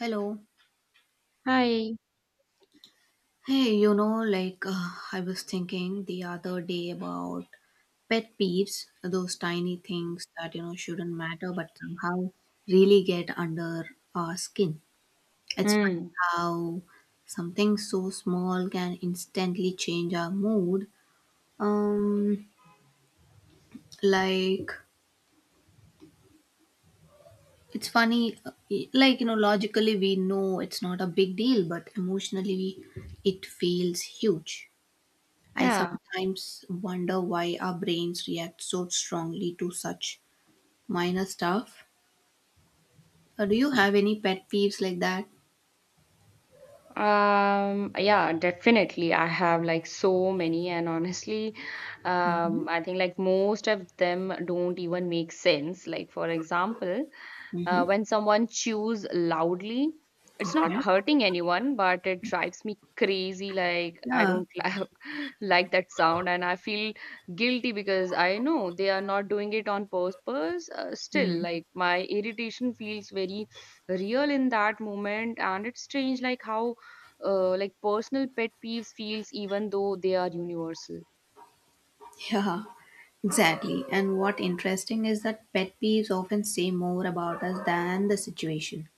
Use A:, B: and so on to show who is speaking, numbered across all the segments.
A: Hello.
B: Hi.
A: Hey, I was thinking the other day about pet peeves, those tiny things that, shouldn't matter but somehow really get under our skin. It's funny
B: Hmm.
A: how something so small can instantly change our mood. Um, like, it's funny, logically we know it's not a big deal, but it feels huge. I
B: Yeah.
A: sometimes wonder why our brains react so strongly to such minor stuff. Do you have any pet peeves like that?
B: Yeah, definitely. I have like so many, and honestly,
A: Mm-hmm.
B: um, I think like most of them don't even make sense. Like, for example,
A: Mm-hmm.
B: when someone chews loudly, it's not
A: Okay.
B: hurting anyone, but it drives me crazy. Like, I
A: Yeah.
B: don't li- like that sound, and I feel guilty because I know they are not doing it on purpose. Still,
A: Mm.
B: like, my irritation feels very real in that moment, and it's strange, like, how personal pet peeves feels even though they are universal.
A: Yeah. Exactly. And what interesting is that pet peeves often say more about us than the situation.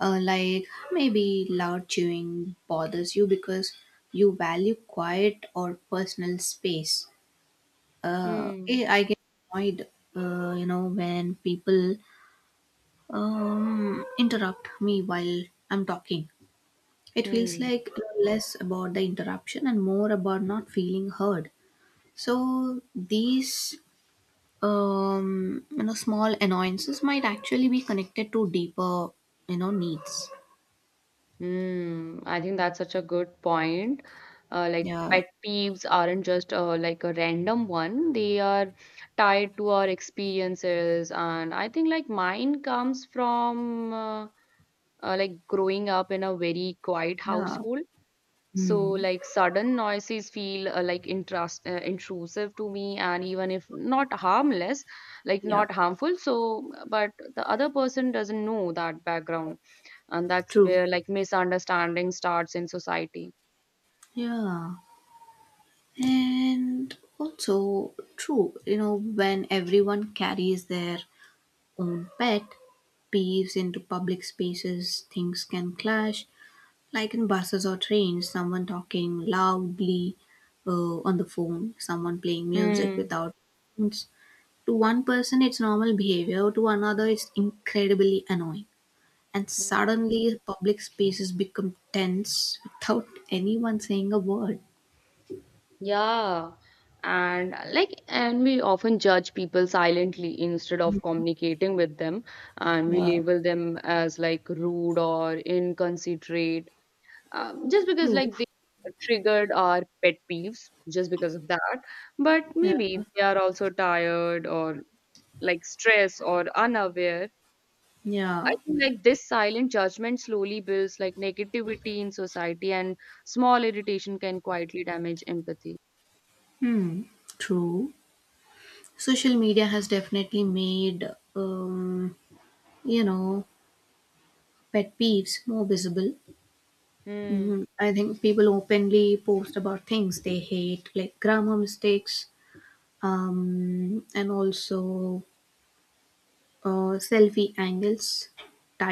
A: Like maybe loud chewing bothers you because you value quiet or personal space.
B: Hmm.
A: I get annoyed, when people interrupt me while I'm talking. It feels
B: Hmm.
A: like less about the interruption and more about not feeling heard. So these small annoyances might actually be connected to deeper needs.
B: Hmm. I think that's such a good point. Like
A: Yeah,
B: pet peeves aren't just like a random one. They are tied to our experiences, and I think like mine comes from like growing up in a very quiet
A: yeah.
B: household. So,
A: Hmm.
B: like sudden noises feel like intrusive to me, and even if not harmless, like
A: Yeah.
B: not harmful. So, but the other person doesn't know that background, and that's
A: True.
B: where like misunderstanding starts in society.
A: Yeah. And also true. You know, when everyone carries their own pet peeves into public spaces, things can clash. Like in buses or trains, someone talking loudly on the phone, someone playing music
B: Hmm.
A: without headphones. To one person, it's normal behavior, to another, it's incredibly annoying. And
B: Hmm.
A: suddenly, public spaces become tense without anyone saying a word.
B: Yeah. And we often judge people silently instead of communicating with them, and we
A: Yeah.
B: label them as like rude or inconsiderate, just because
A: True.
B: like they triggered our pet peeves just because of that, but
A: Yeah.
B: maybe they are also tired or like stress or unaware.
A: Yeah.
B: I think like this silent judgment slowly builds like negativity in society, and small irritation can quietly damage empathy.
A: Hmm. True. Social media has definitely made um, you know, pet peeves more visible.
B: Hmm.
A: Mm, I think people openly post about things they hate, like grammar mistakes, and also selfie angles,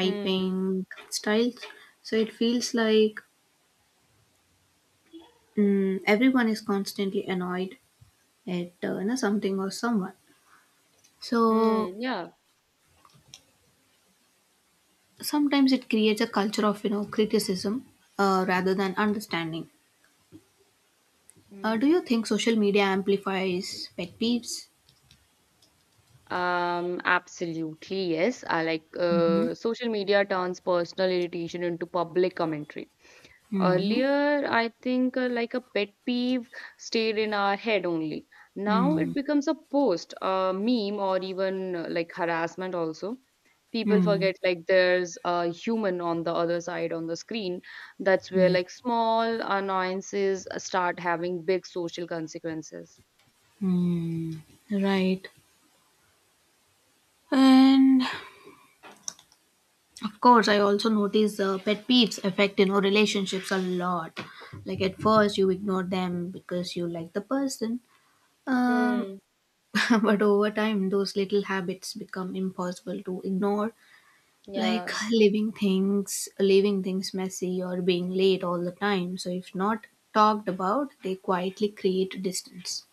B: Hmm.
A: styles. So it feels like everyone is constantly annoyed at something or someone. So
B: Hmm. Yeah.
A: sometimes it creates a culture of criticism rather than understanding. Do you
B: Hmm.
A: think social media amplifies pet peeves?
B: Absolutely, yes. I like Social media turns personal irritation into public commentary.
A: Hmm.
B: Earlier, I think like a pet peeve stayed in our head only. Now
A: Hmm.
B: it becomes a post, a meme, or even like harassment also. People
A: Hmm.
B: forget like there's a human on the other side on the screen. That's where like small annoyances start having big social consequences.
A: Hmm. Right. And of course, I also notice pet peeves affect relationships a lot. Like at first, you ignore them because you like the person, um,
B: Hmm.
A: but over time, those little habits become impossible to ignore. Like
B: Yeah.
A: leaving things messy, or being late all the time. So if not talked about, they quietly create distance.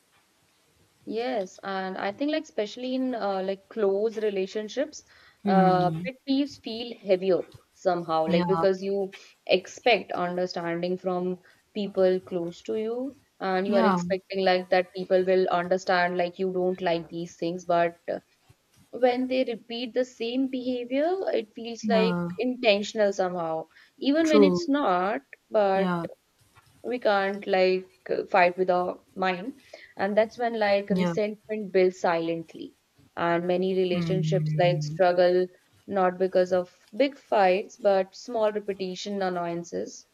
B: Yes, and I think like especially in like close relationships,
A: Hmm.
B: pet peeves feel heavier somehow, like
A: Yeah.
B: because you expect understanding from people close to you, and you are
A: Yeah.
B: expecting like that people will understand like you don't like these things, but when they repeat the same behavior, it feels like
A: Yeah.
B: intentional somehow, even when it's
A: True.
B: not. But
A: Yeah.
B: we can't like fight with our mind, and that's when like
A: Yeah.
B: resentment builds silently, and many relationships like
A: Hmm.
B: struggle, not because of big fights but small repetition annoyances.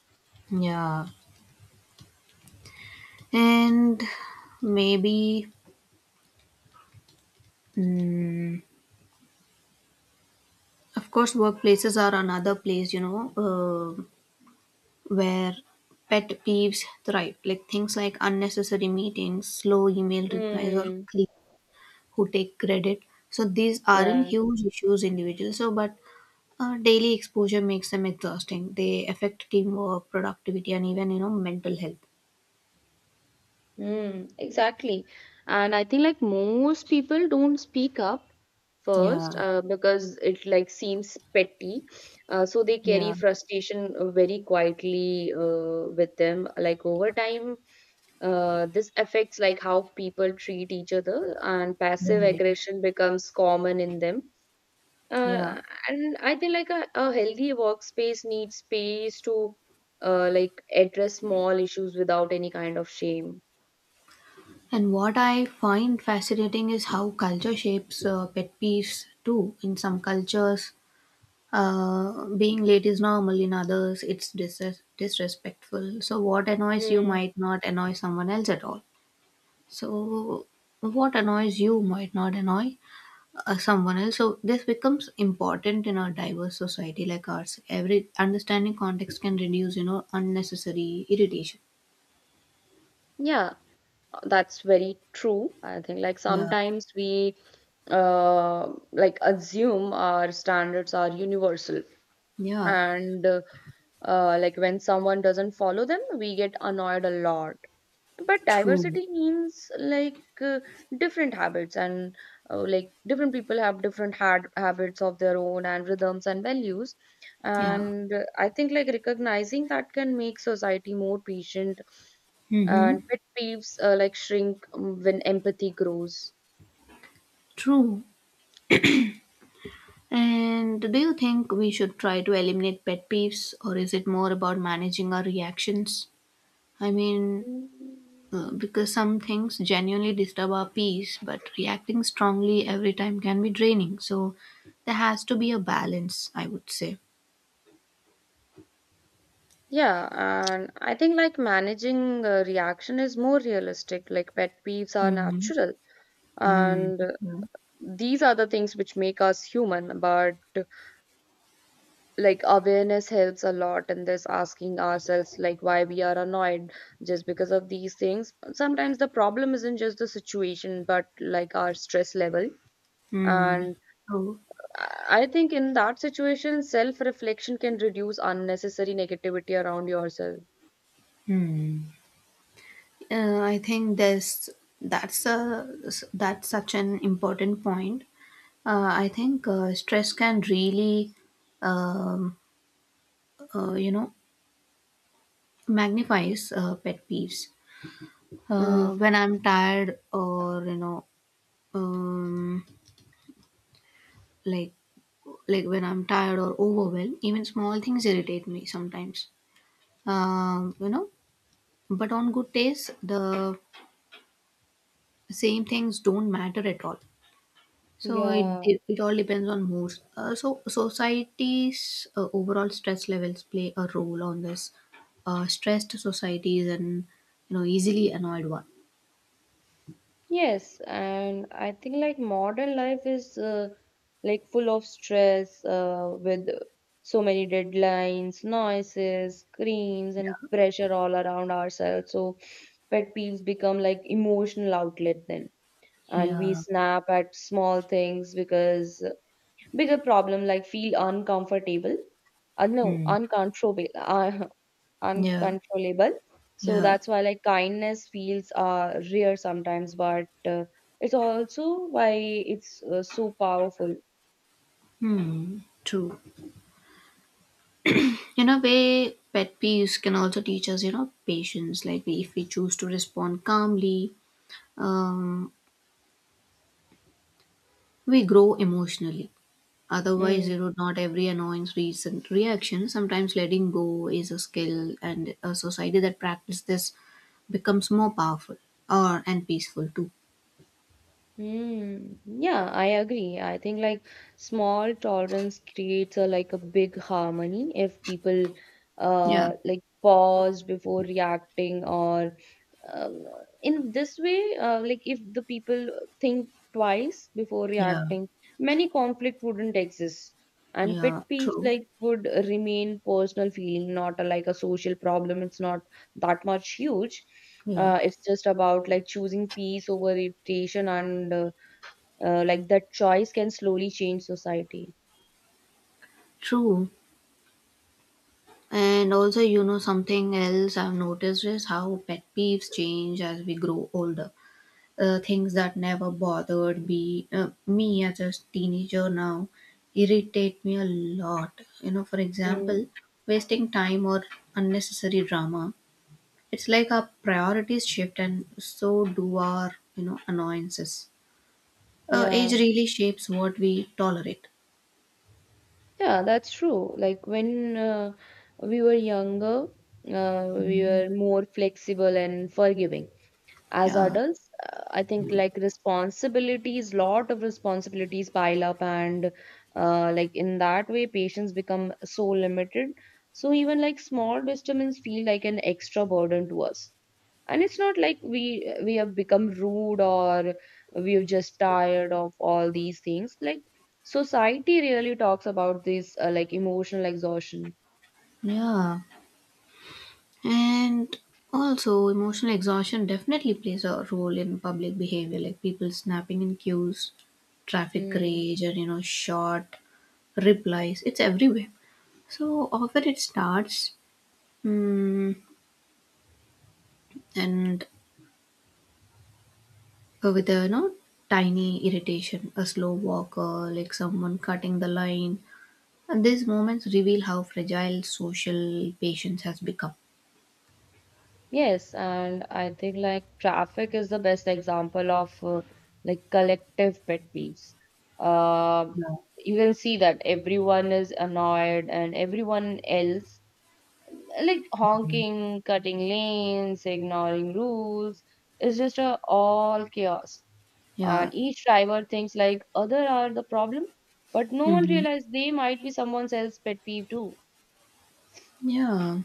A: Yeah. And maybe, mm, of course, workplaces are another place, where pet peeves thrive. Like things like unnecessary meetings, slow email replies, or
B: Hmm.
A: creep who take credit. So these aren't
B: Yeah.
A: huge issues individually. So, but daily exposure makes them exhausting. They affect teamwork, productivity, and even, mental health.
B: Mm, exactly. And I think like most people don't speak up first,
A: Yeah.
B: because it like seems petty. So they carry
A: Yeah.
B: frustration very quietly with them. Like over time, this affects like how people treat each other, and passive
A: Right.
B: aggression becomes common in them. Uh,
A: Yeah.
B: and I think like a healthy workspace needs space to like address small issues without any kind of shame.
A: And what I find fascinating is how culture shapes pet peeves too. In some cultures, being late is normal, in others, it's disrespectful. So, what annoys you
B: Mm,
A: might not annoy someone else at all. So, what annoys you might not annoy someone else. So, this becomes important in a diverse society like ours. Every understanding context can reduce, unnecessary irritation.
B: yeah, that's very true. I think like
A: Yeah.
B: sometimes we like assume our standards are universal,
A: Yeah,
B: and like when someone doesn't follow them, we get annoyed a lot. But
A: true.
B: diversity means like different habits, and like different people have different had habits of their own and rhythms and values,
A: Yeah.
B: and I think like recognizing that can make society more patient, and
A: Mm-hmm.
B: pet peeves like shrink when empathy grows.
A: True. And do you think we should try to eliminate pet peeves, or is it more about managing our reactions? I mean,
B: Mm.
A: because some things genuinely disturb our peace, but reacting strongly every time can be draining. So there has to be a balance, I would say.
B: Yeah, and I think like managing reaction is more realistic. Like pet peeves are
A: Mm-hmm.
B: natural,
A: Mm.
B: and
A: Yeah.
B: these are the things which make us human. But like awareness helps a lot in this, asking ourselves like why we are annoyed just because of these things. Sometimes the problem isn't just the situation but like our stress level,
A: Mm.
B: and
A: So,
B: I think in that situation self reflection can reduce unnecessary negativity around yourself.
A: I think there's that's a that's such an important point. I think stress can really, um, uh, you know, magnifies pet peeves.
B: Mm.
A: When I'm tired, or you know, um, like like when I'm tired or overwhelmed, even small things irritate me sometimes. Um, you know, but on good days, the same things don't matter at all. So
B: Yeah.
A: it all depends on moods. So society's overall stress levels play a role on this. Stressed society is an easily annoyed one.
B: Yes, and I think like modern life is like full of stress with so many deadlines, noises, screens, and pressure all around ourselves. So pet peeves become like emotional outlet then. And we
A: Yeah.
B: snap at small things because bigger problem like feel uncomfortable. No,
A: Hmm. Yeah.
B: uncontrollable. So
A: Yeah.
B: that's why like kindness feels rare sometimes, but it's also why it's so powerful.
A: Hmm. True. In a way, pet peeves can also teach us patience. Like if we choose to respond calmly, um, we grow emotionally. Otherwise,
B: Hmm.
A: you would not every annoyance recent reaction. Sometimes letting go is a skill, and a society that practices this becomes more powerful or and peaceful too.
B: Mm, yeah, I agree. I think like small tolerance creates a like a big harmony if people
A: Yeah,
B: like pause before reacting or, um, in this way, like if the people think twice before
A: yeah,
B: reacting, many conflict wouldn't exist, and pet
A: yeah,
B: peeves
A: true.
B: like would remain personal feeling, not a, like a social problem. It's not that much huge.
A: Yeah,
B: It's just about like choosing peace over irritation, and like that choice can slowly change society.
A: true. And also, you know, something else I've noticed is how pet peeves change as we grow older. Things that never bothered me as a teenager now irritate me a lot. You know, for
B: Mm,
A: example, wasting time or unnecessary drama. It's like our priorities shift and so do our, annoyances. Age
B: yeah,
A: really shapes what we tolerate.
B: yeah, that's true. Like when we were younger, we were more flexible and forgiving. As
A: Yeah.
B: adults I think like responsibilities, lot of responsibilities pile up, and like in that way patients become so limited, so even like small disturbance feel like an extra burden to us. And it's not like we have become rude, or we're just tired of all these things. Like society really talks about this like emotional exhaustion.
A: Yeah. And also, emotional exhaustion definitely plays a role in public behavior, like people snapping in queues, traffic
B: Mm.
A: rage, or short replies. It's everywhere. So often it starts mm, and with a tiny irritation, a slow walker, like someone cutting the line. And these moments reveal how fragile social patience has become.
B: Yes, and I think like traffic is the best example of like collective pet peeves. Um,
A: Yeah.
B: you can see that everyone is annoyed and everyone else like honking, cutting lanes, ignoring rules. It's just a all chaos.
A: Yeah.
B: And each driver thinks like other are the problem, but no one
A: Hmm.
B: realizes they might be someone else's pet peeve too.
A: Yeah.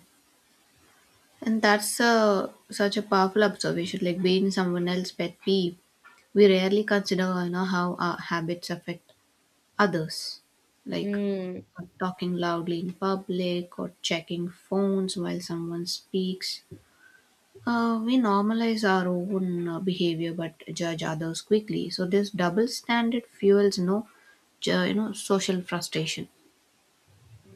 A: And that's such a powerful observation, like being someone else's pet peeve. We rarely consider how our habits affect others, like
B: Hmm.
A: talking loudly in public or checking phones while someone speaks. We normalize our own behavior but judge others quickly. So this double standard fuels no, ju- you know social frustration.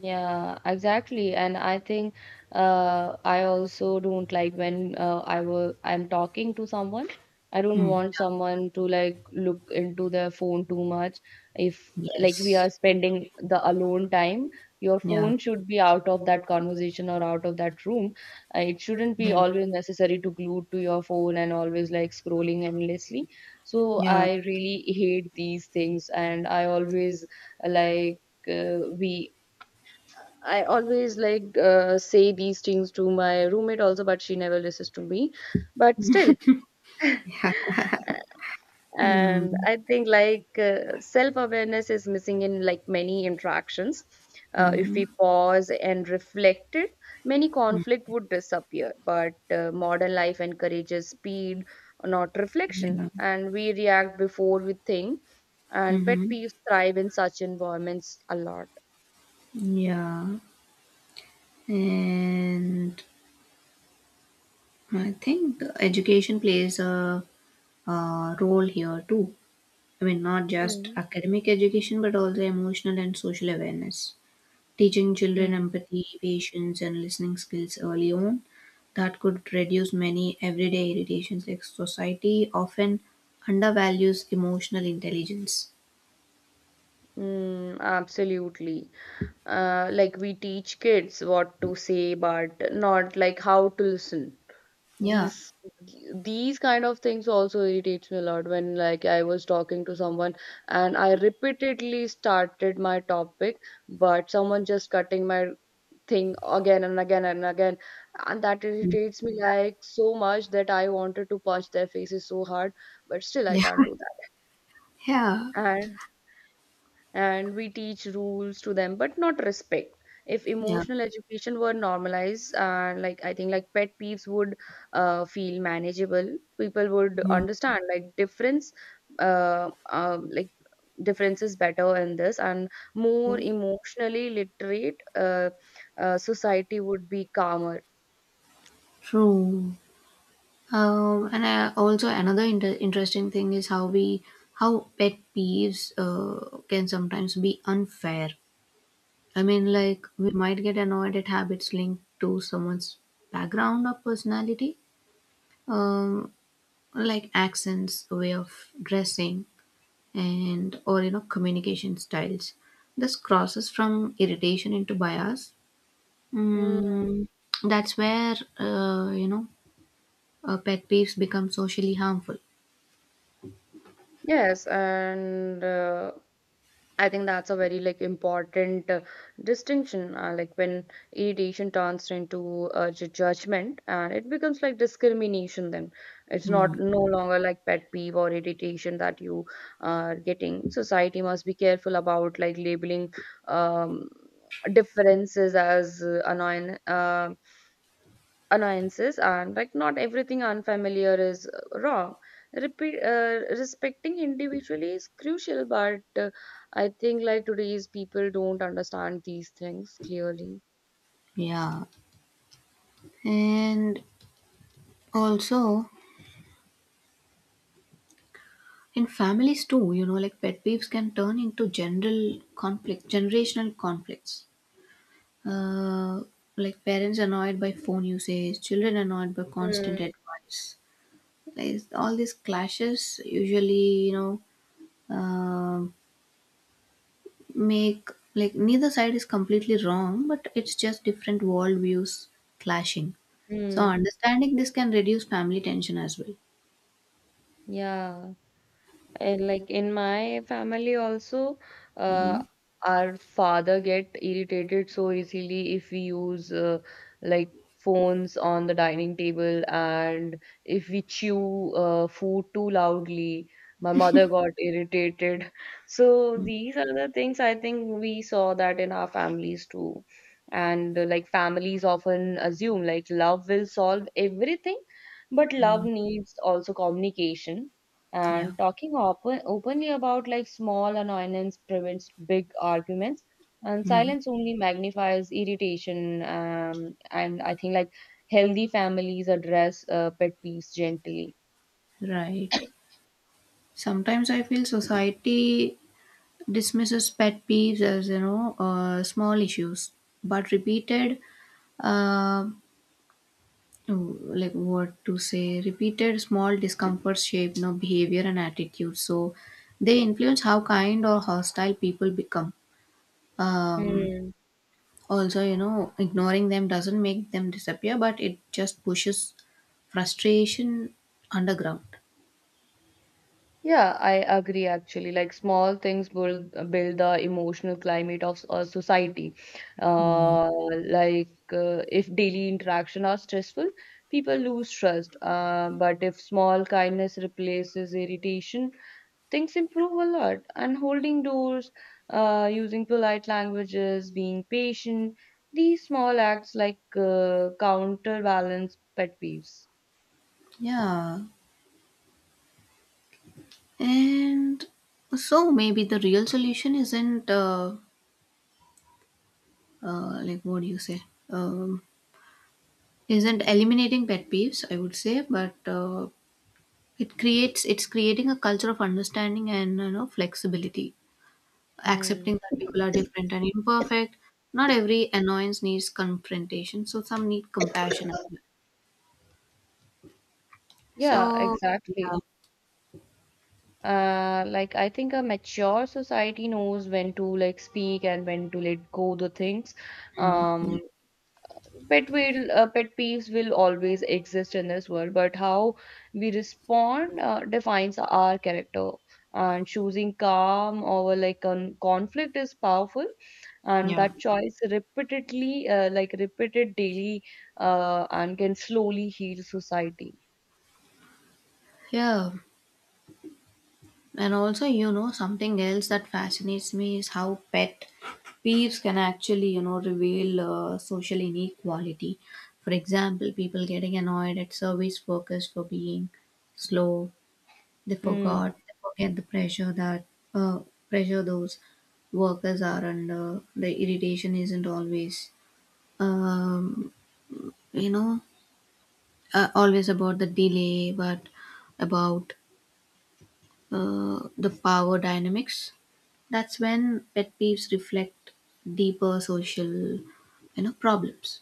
B: Yeah, exactly. And I think I also don't like when I'm talking to someone. I don't
A: Hmm.
B: want someone to like look into their phone too much. If
A: Yeah.
B: like we
A: Yes.
B: are spending the alone time, your
A: Yeah.
B: phone should be out of that conversation or out of that room. It shouldn't be
A: Yeah.
B: always necessary to glued to your phone and always like scrolling endlessly. So
A: Yeah.
B: I really hate these things, and I always like we I always say these things to my roommate also, but she never listens to me. But still,
A: Hmm.
B: and I think like self awareness is missing in like many interactions. If we pause and reflect it, many conflict would disappear. But modern life encourages speed, not reflection,
A: Yeah.
B: and we react before we think. And pet
A: Hmm.
B: peeves thrive in such environments a lot.
A: Yeah. And I think education plays a role here too. I mean, not just academic education, but also emotional and social awareness. Teaching children
B: Mm.
A: empathy, patience, and listening skills early on, that could reduce many everyday irritations. Like society often undervalues emotional intelligence.
B: Mm, absolutely. Like we teach kids what to say, but not like how to listen.
A: Yeah.
B: These these kind of things also irritates me a lot when like I was talking to someone and I repeatedly started my topic, but someone just cutting my thing again and again and again, and that irritates me like so much that I wanted to punch their faces so hard, but still I
A: Yeah.
B: can't do
A: Yeah.
B: that. And we teach rules to them but not respect. If
A: Yeah.
B: emotional education were normalized and like I think like pet peeves would feel manageable, people would
A: Mhm.
B: understand like difference, like differences better in this, and more
A: Yeah.
B: emotionally literate, society would be calmer.
A: True. Also another interesting thing is how pet peeves can sometimes be unfair. I mean, like we might get annoyed at habits linked to someone's background or personality, um, like accents, way of dressing, and or communication styles. This crosses from irritation into bias.
B: Mm,
A: Mm, that's where pet peeves become socially harmful.
B: yes, and I think that's a very like important distinction. Like when irritation turns into judgment, and it becomes like discrimination. Then it's
A: Hmm.
B: not no longer like pet peeve or irritation that you are getting. Society must be careful about like labeling, um, differences as annoying, annoyances, and like not everything unfamiliar is wrong. Repeat, respecting individually is crucial, but I think like today's people don't understand these things clearly.
A: Yeah, and also in families too, you know, like pet peeves can turn into generational conflicts. Uh, like parents annoyed by phone usage, children annoyed by constant
B: Mm.
A: advice. Like all these clashes usually, um make like neither side is completely wrong, but it's just different worldviews clashing. So
B: Mm.
A: understanding this can reduce family tension as well.
B: Yeah. And like in my family also, uh,
A: Hmm.
B: our father get irritated so easily if we use like phones on the dining table, and if we chew food too loudly. My mother got irritated. So these are the things I think we saw that in our families too. And like families often assume like love will solve everything, but
A: Yeah.
B: love needs also communication,
A: Yeah.
B: and talking openly about like small annoyance prevents big arguments, and
A: Mm,
B: silence only magnifies irritation. And I think like healthy families address pet peeves gently.
A: right. Sometimes I feel society dismisses pet peeves as small issues, but repeated, uh, like what to say, repeated small discomforts shape behavior and attitude. So they influence how kind or hostile people become. Um,
B: Hmm.
A: Also, you know, ignoring them doesn't make them disappear, but it just pushes frustration underground.
B: Yeah, I agree actually. Like small things build the emotional climate of a society.
A: Mm.
B: Uh, like if daily interaction are stressful, people lose trust. But if small kindness replaces irritation, things improve a lot. And holding doors, using polite languages, being patient, these small acts like counterbalance pet peeves.
A: Yeah. And so maybe the real solution isn't like what do you say? Um, isn't eliminating pet peeves, I would say, but it's creating a culture of understanding and flexibility,
B: Hmm.
A: accepting that people are different and imperfect. Not every annoyance needs confrontation, so some need compassion as well.
B: Yeah,
A: So yeah,
B: exactly. Like I think a mature society knows when to like speak and when to let go the things.
A: mm,
B: Um, pet peeves will always exist in this world, but how we respond defines our character, and choosing calm over like conflict is powerful, and
A: yeah,
B: that choice repeated daily, and can slowly heal society.
A: yeah. And also, you know, something else that fascinates me is how pet peeves can actually, you know, reveal social inequality. For example, people getting annoyed at service workers for being slow.
B: Mm,
A: They forget the pressure that uh, pressure those workers are under. The irritation isn't always, um, you know, always about the delay, but about the power dynamics. That's when pet peeves reflect deeper social problems.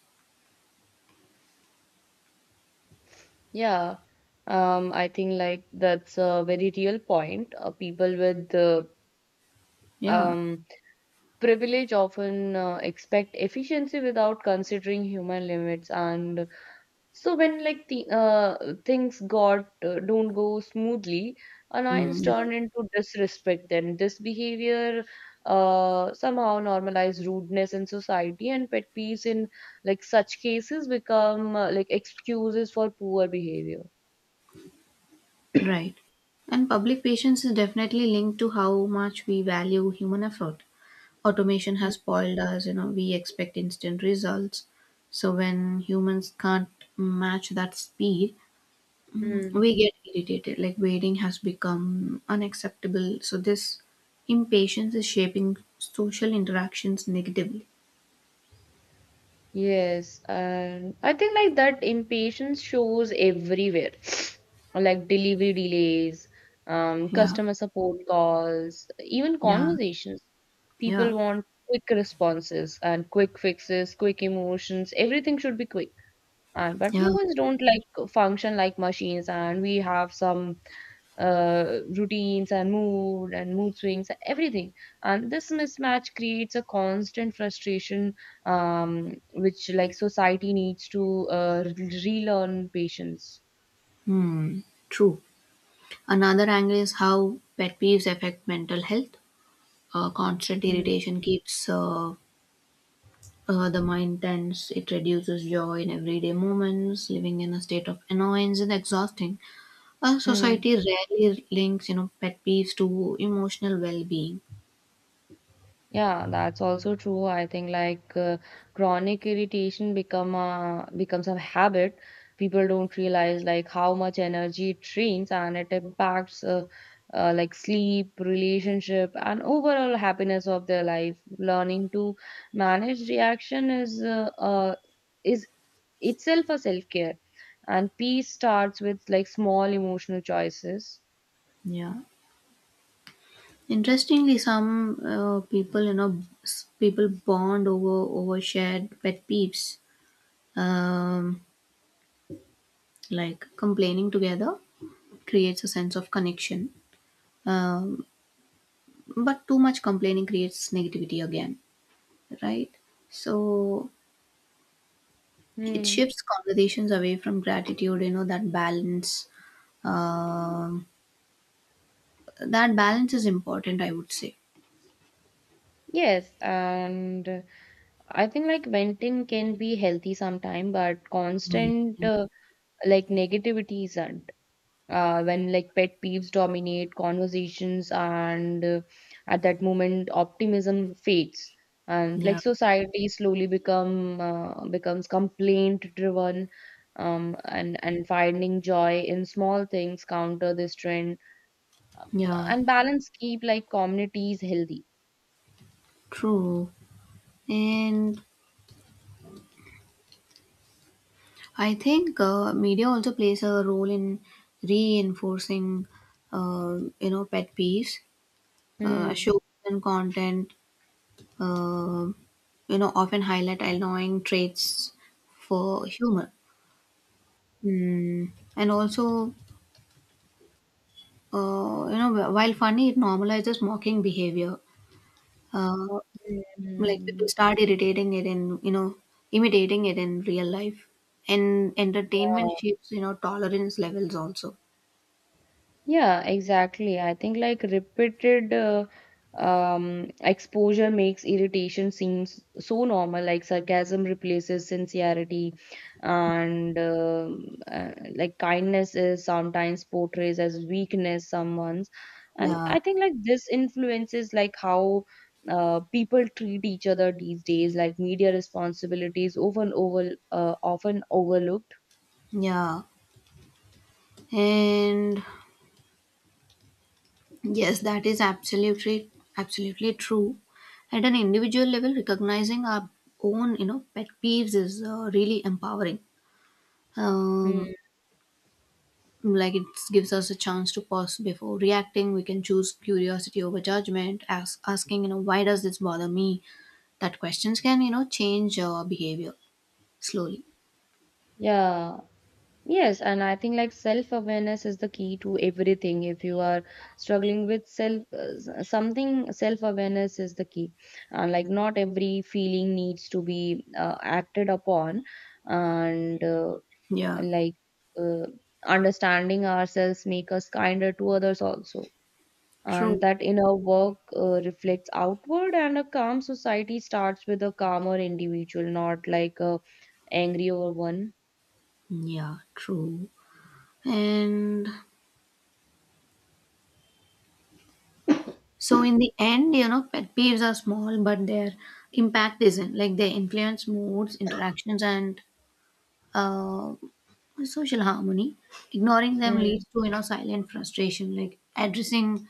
B: yeah, I think like that's a very real point. People with
A: Yeah.
B: um, privilege often expect efficiency without considering human limits. And so when like the things got don't go smoothly,
A: Mm.
B: annoyance
A: Yeah,
B: turned into disrespect, then this behavior somehow normalize rudeness in society, and pet peeves in like such cases become like excuses for poor behavior.
A: right. And public patience is definitely linked to how much we value human effort. Automation has spoiled us, you know, we expect instant results. So when humans can't match that speed,
B: Mhm.
A: we get irritated. Like waiting has become unacceptable, so this impatience is shaping social interactions negatively.
B: Yes, and I think like that impatience shows everywhere, like delivery delays,
A: Yeah.
B: customer support calls, even
A: Yeah.
B: conversations.
A: Yeah.
B: People want quick responses and quick fixes, quick emotions. Everything should be quick, and but
A: Yeah.
B: humans don't like function like machines, and we have some routines and mood swings and everything, and this mismatch creates a constant frustration, which like society needs to relearn patience.
A: Hmm. True. Another angle is how pet peeves affect mental health. Constant
B: Mm.
A: irritation keeps the mind tense. It reduces joy in everyday moments. Living in a state of annoyance is exhausting.
B: Mm.
A: Society rarely links pet peeves to emotional well-being.
B: Yeah, that's also true. I think like chronic becomes a habit. People don't realize like how much energy it drains, and it impacts like sleep, relationship, and overall happiness of their life. Learning to manage reaction is is itself a self-care, and peace starts with like small emotional choices.
A: Yeah. Interestingly, some people, you know, s- people bond over shared pet peeves. Um, like complaining together creates a sense of connection, um, but too much complaining creates negativity again, right? So it
B: Hmm.
A: shifts conversations away from gratitude. You know that balance. Um, that balance is important, I would say.
B: Yes, and I think like venting can be healthy sometime, but
A: Mm.
B: constant like negativity isn't. When like pet peeves dominate conversations, and at that moment optimism fades, and
A: Yeah,
B: like
A: yeah,
B: society slowly become becomes complaint driven, and finding joy in small things counter this trend, um,
A: yeah,
B: and balance keep like communities healthy.
A: true. And I think media also plays a role in reinforcing, pet peeves.
B: Hmm.
A: Shows and content, uh, often highlight annoying traits for humor. Mm. And also, while funny, it normalizes mocking behavior. Uh, like people
B: Hmm.
A: start irritating it in, imitating it in real life. And entertainment
B: Yeah,
A: shapes, tolerance levels also.
B: yeah, exactly. I think like repeated exposure makes irritation seems so normal. Like sarcasm replaces sincerity, and like kindness is sometimes portrays as weakness. Someone's, and
A: Yeah.
B: I think like this influences like how people treat each other these days. Like media responsibilities often overlooked.
A: Yeah, and yes, that is absolutely true. At an individual level, recognizing our own, pet peeves is really empowering. Um,
B: Hmm.
A: like it gives us a chance to pause before reacting. We can choose curiosity over judgment, asking, you know, why does this bother me? That questions can, change our behavior slowly.
B: Yeah. Yes, and I think like self-awareness is the key to everything. If you are struggling with something, self-awareness is the key. And like not every feeling needs to be acted upon, and
A: Yeah,
B: like uh, understanding ourselves make us kinder to others also. And
A: true.
B: that inner work reflects outward, and a calm society starts with a calmer individual, not like a angrier one.
A: Yeah, true. And so in the end, you know, pet peeves are small, but their impact isn't. Like they influence moods, interactions, and uh, social harmony. Ignoring them leads to silent frustration. Like addressing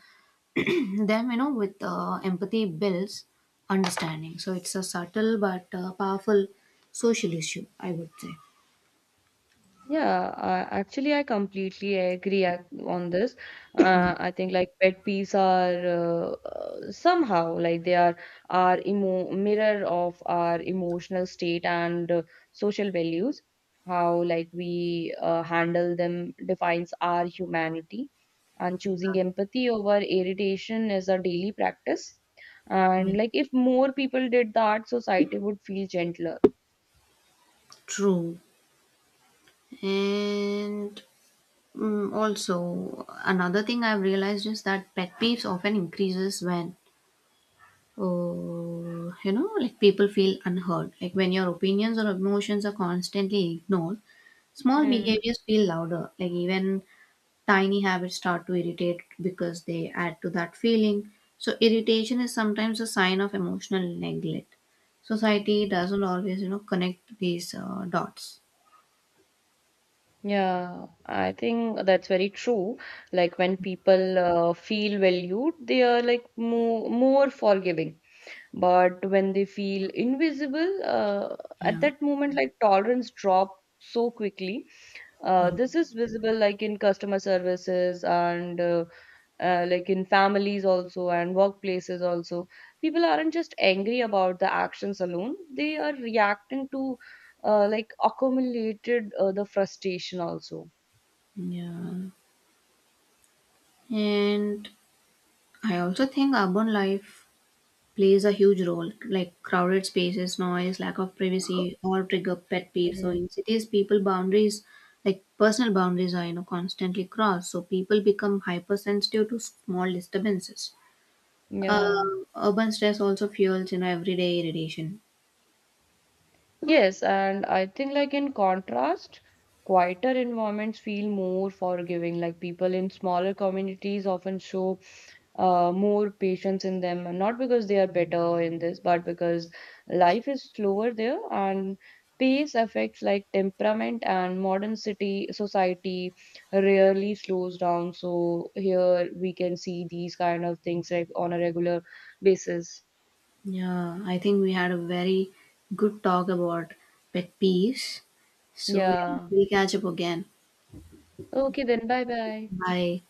A: them, you know, with empathy builds understanding. So it's a subtle but powerful social issue, I would say.
B: Yeah, actually, I completely on this.
A: Yeah.
B: I think like pet peeves are somehow like they are our emo mirror of our emotional state and social values. How like we handle them defines our humanity, and choosing empathy over irritation is a daily practice.
A: Yeah.
B: And like if more people did that, society would feel gentler.
A: True. And also, another thing I've realized is that pet peeves often increases when, like people feel unheard. Like when your opinions or emotions are constantly ignored, small behaviors feel louder. Like even tiny habits start to irritate because they add to that feeling. So irritation is sometimes a sign of emotional neglect. Society doesn't always, connect these dots.
B: Yeah, I think that's very true. Like when people feel valued, they are like more forgiving. But when they feel invisible, at
A: Yeah.
B: that moment, like tolerance drop so quickly.
A: Yeah.
B: This is visible like in customer services and like in families also and workplaces also. People aren't just angry about the actions alone; they are reacting to like accumulated the frustration also.
A: Yeah. And I also think urban life plays a huge role, like crowded spaces, noise, lack of privacy, all trigger pet peeves. So
B: Mm.
A: in cities, like personal boundaries, are constantly crossed. So people become hypersensitive to small disturbances.
B: Yeah.
A: Urban stress also fuels everyday irritation.
B: Yes, and I think like in contrast, quieter environments feel more forgiving. Like people in smaller communities often show more patience in them, and not because they are better in this, but because life is slower there, and pace affects like temperament, and modern city society rarely slows down. So here we can see these kind of things like on a regular basis.
A: Yeah, I think we had a very good talk about pet peeves. So yeah,
B: Yeah.
A: we'll catch up again.
B: Okay, then bye bye.
A: Bye.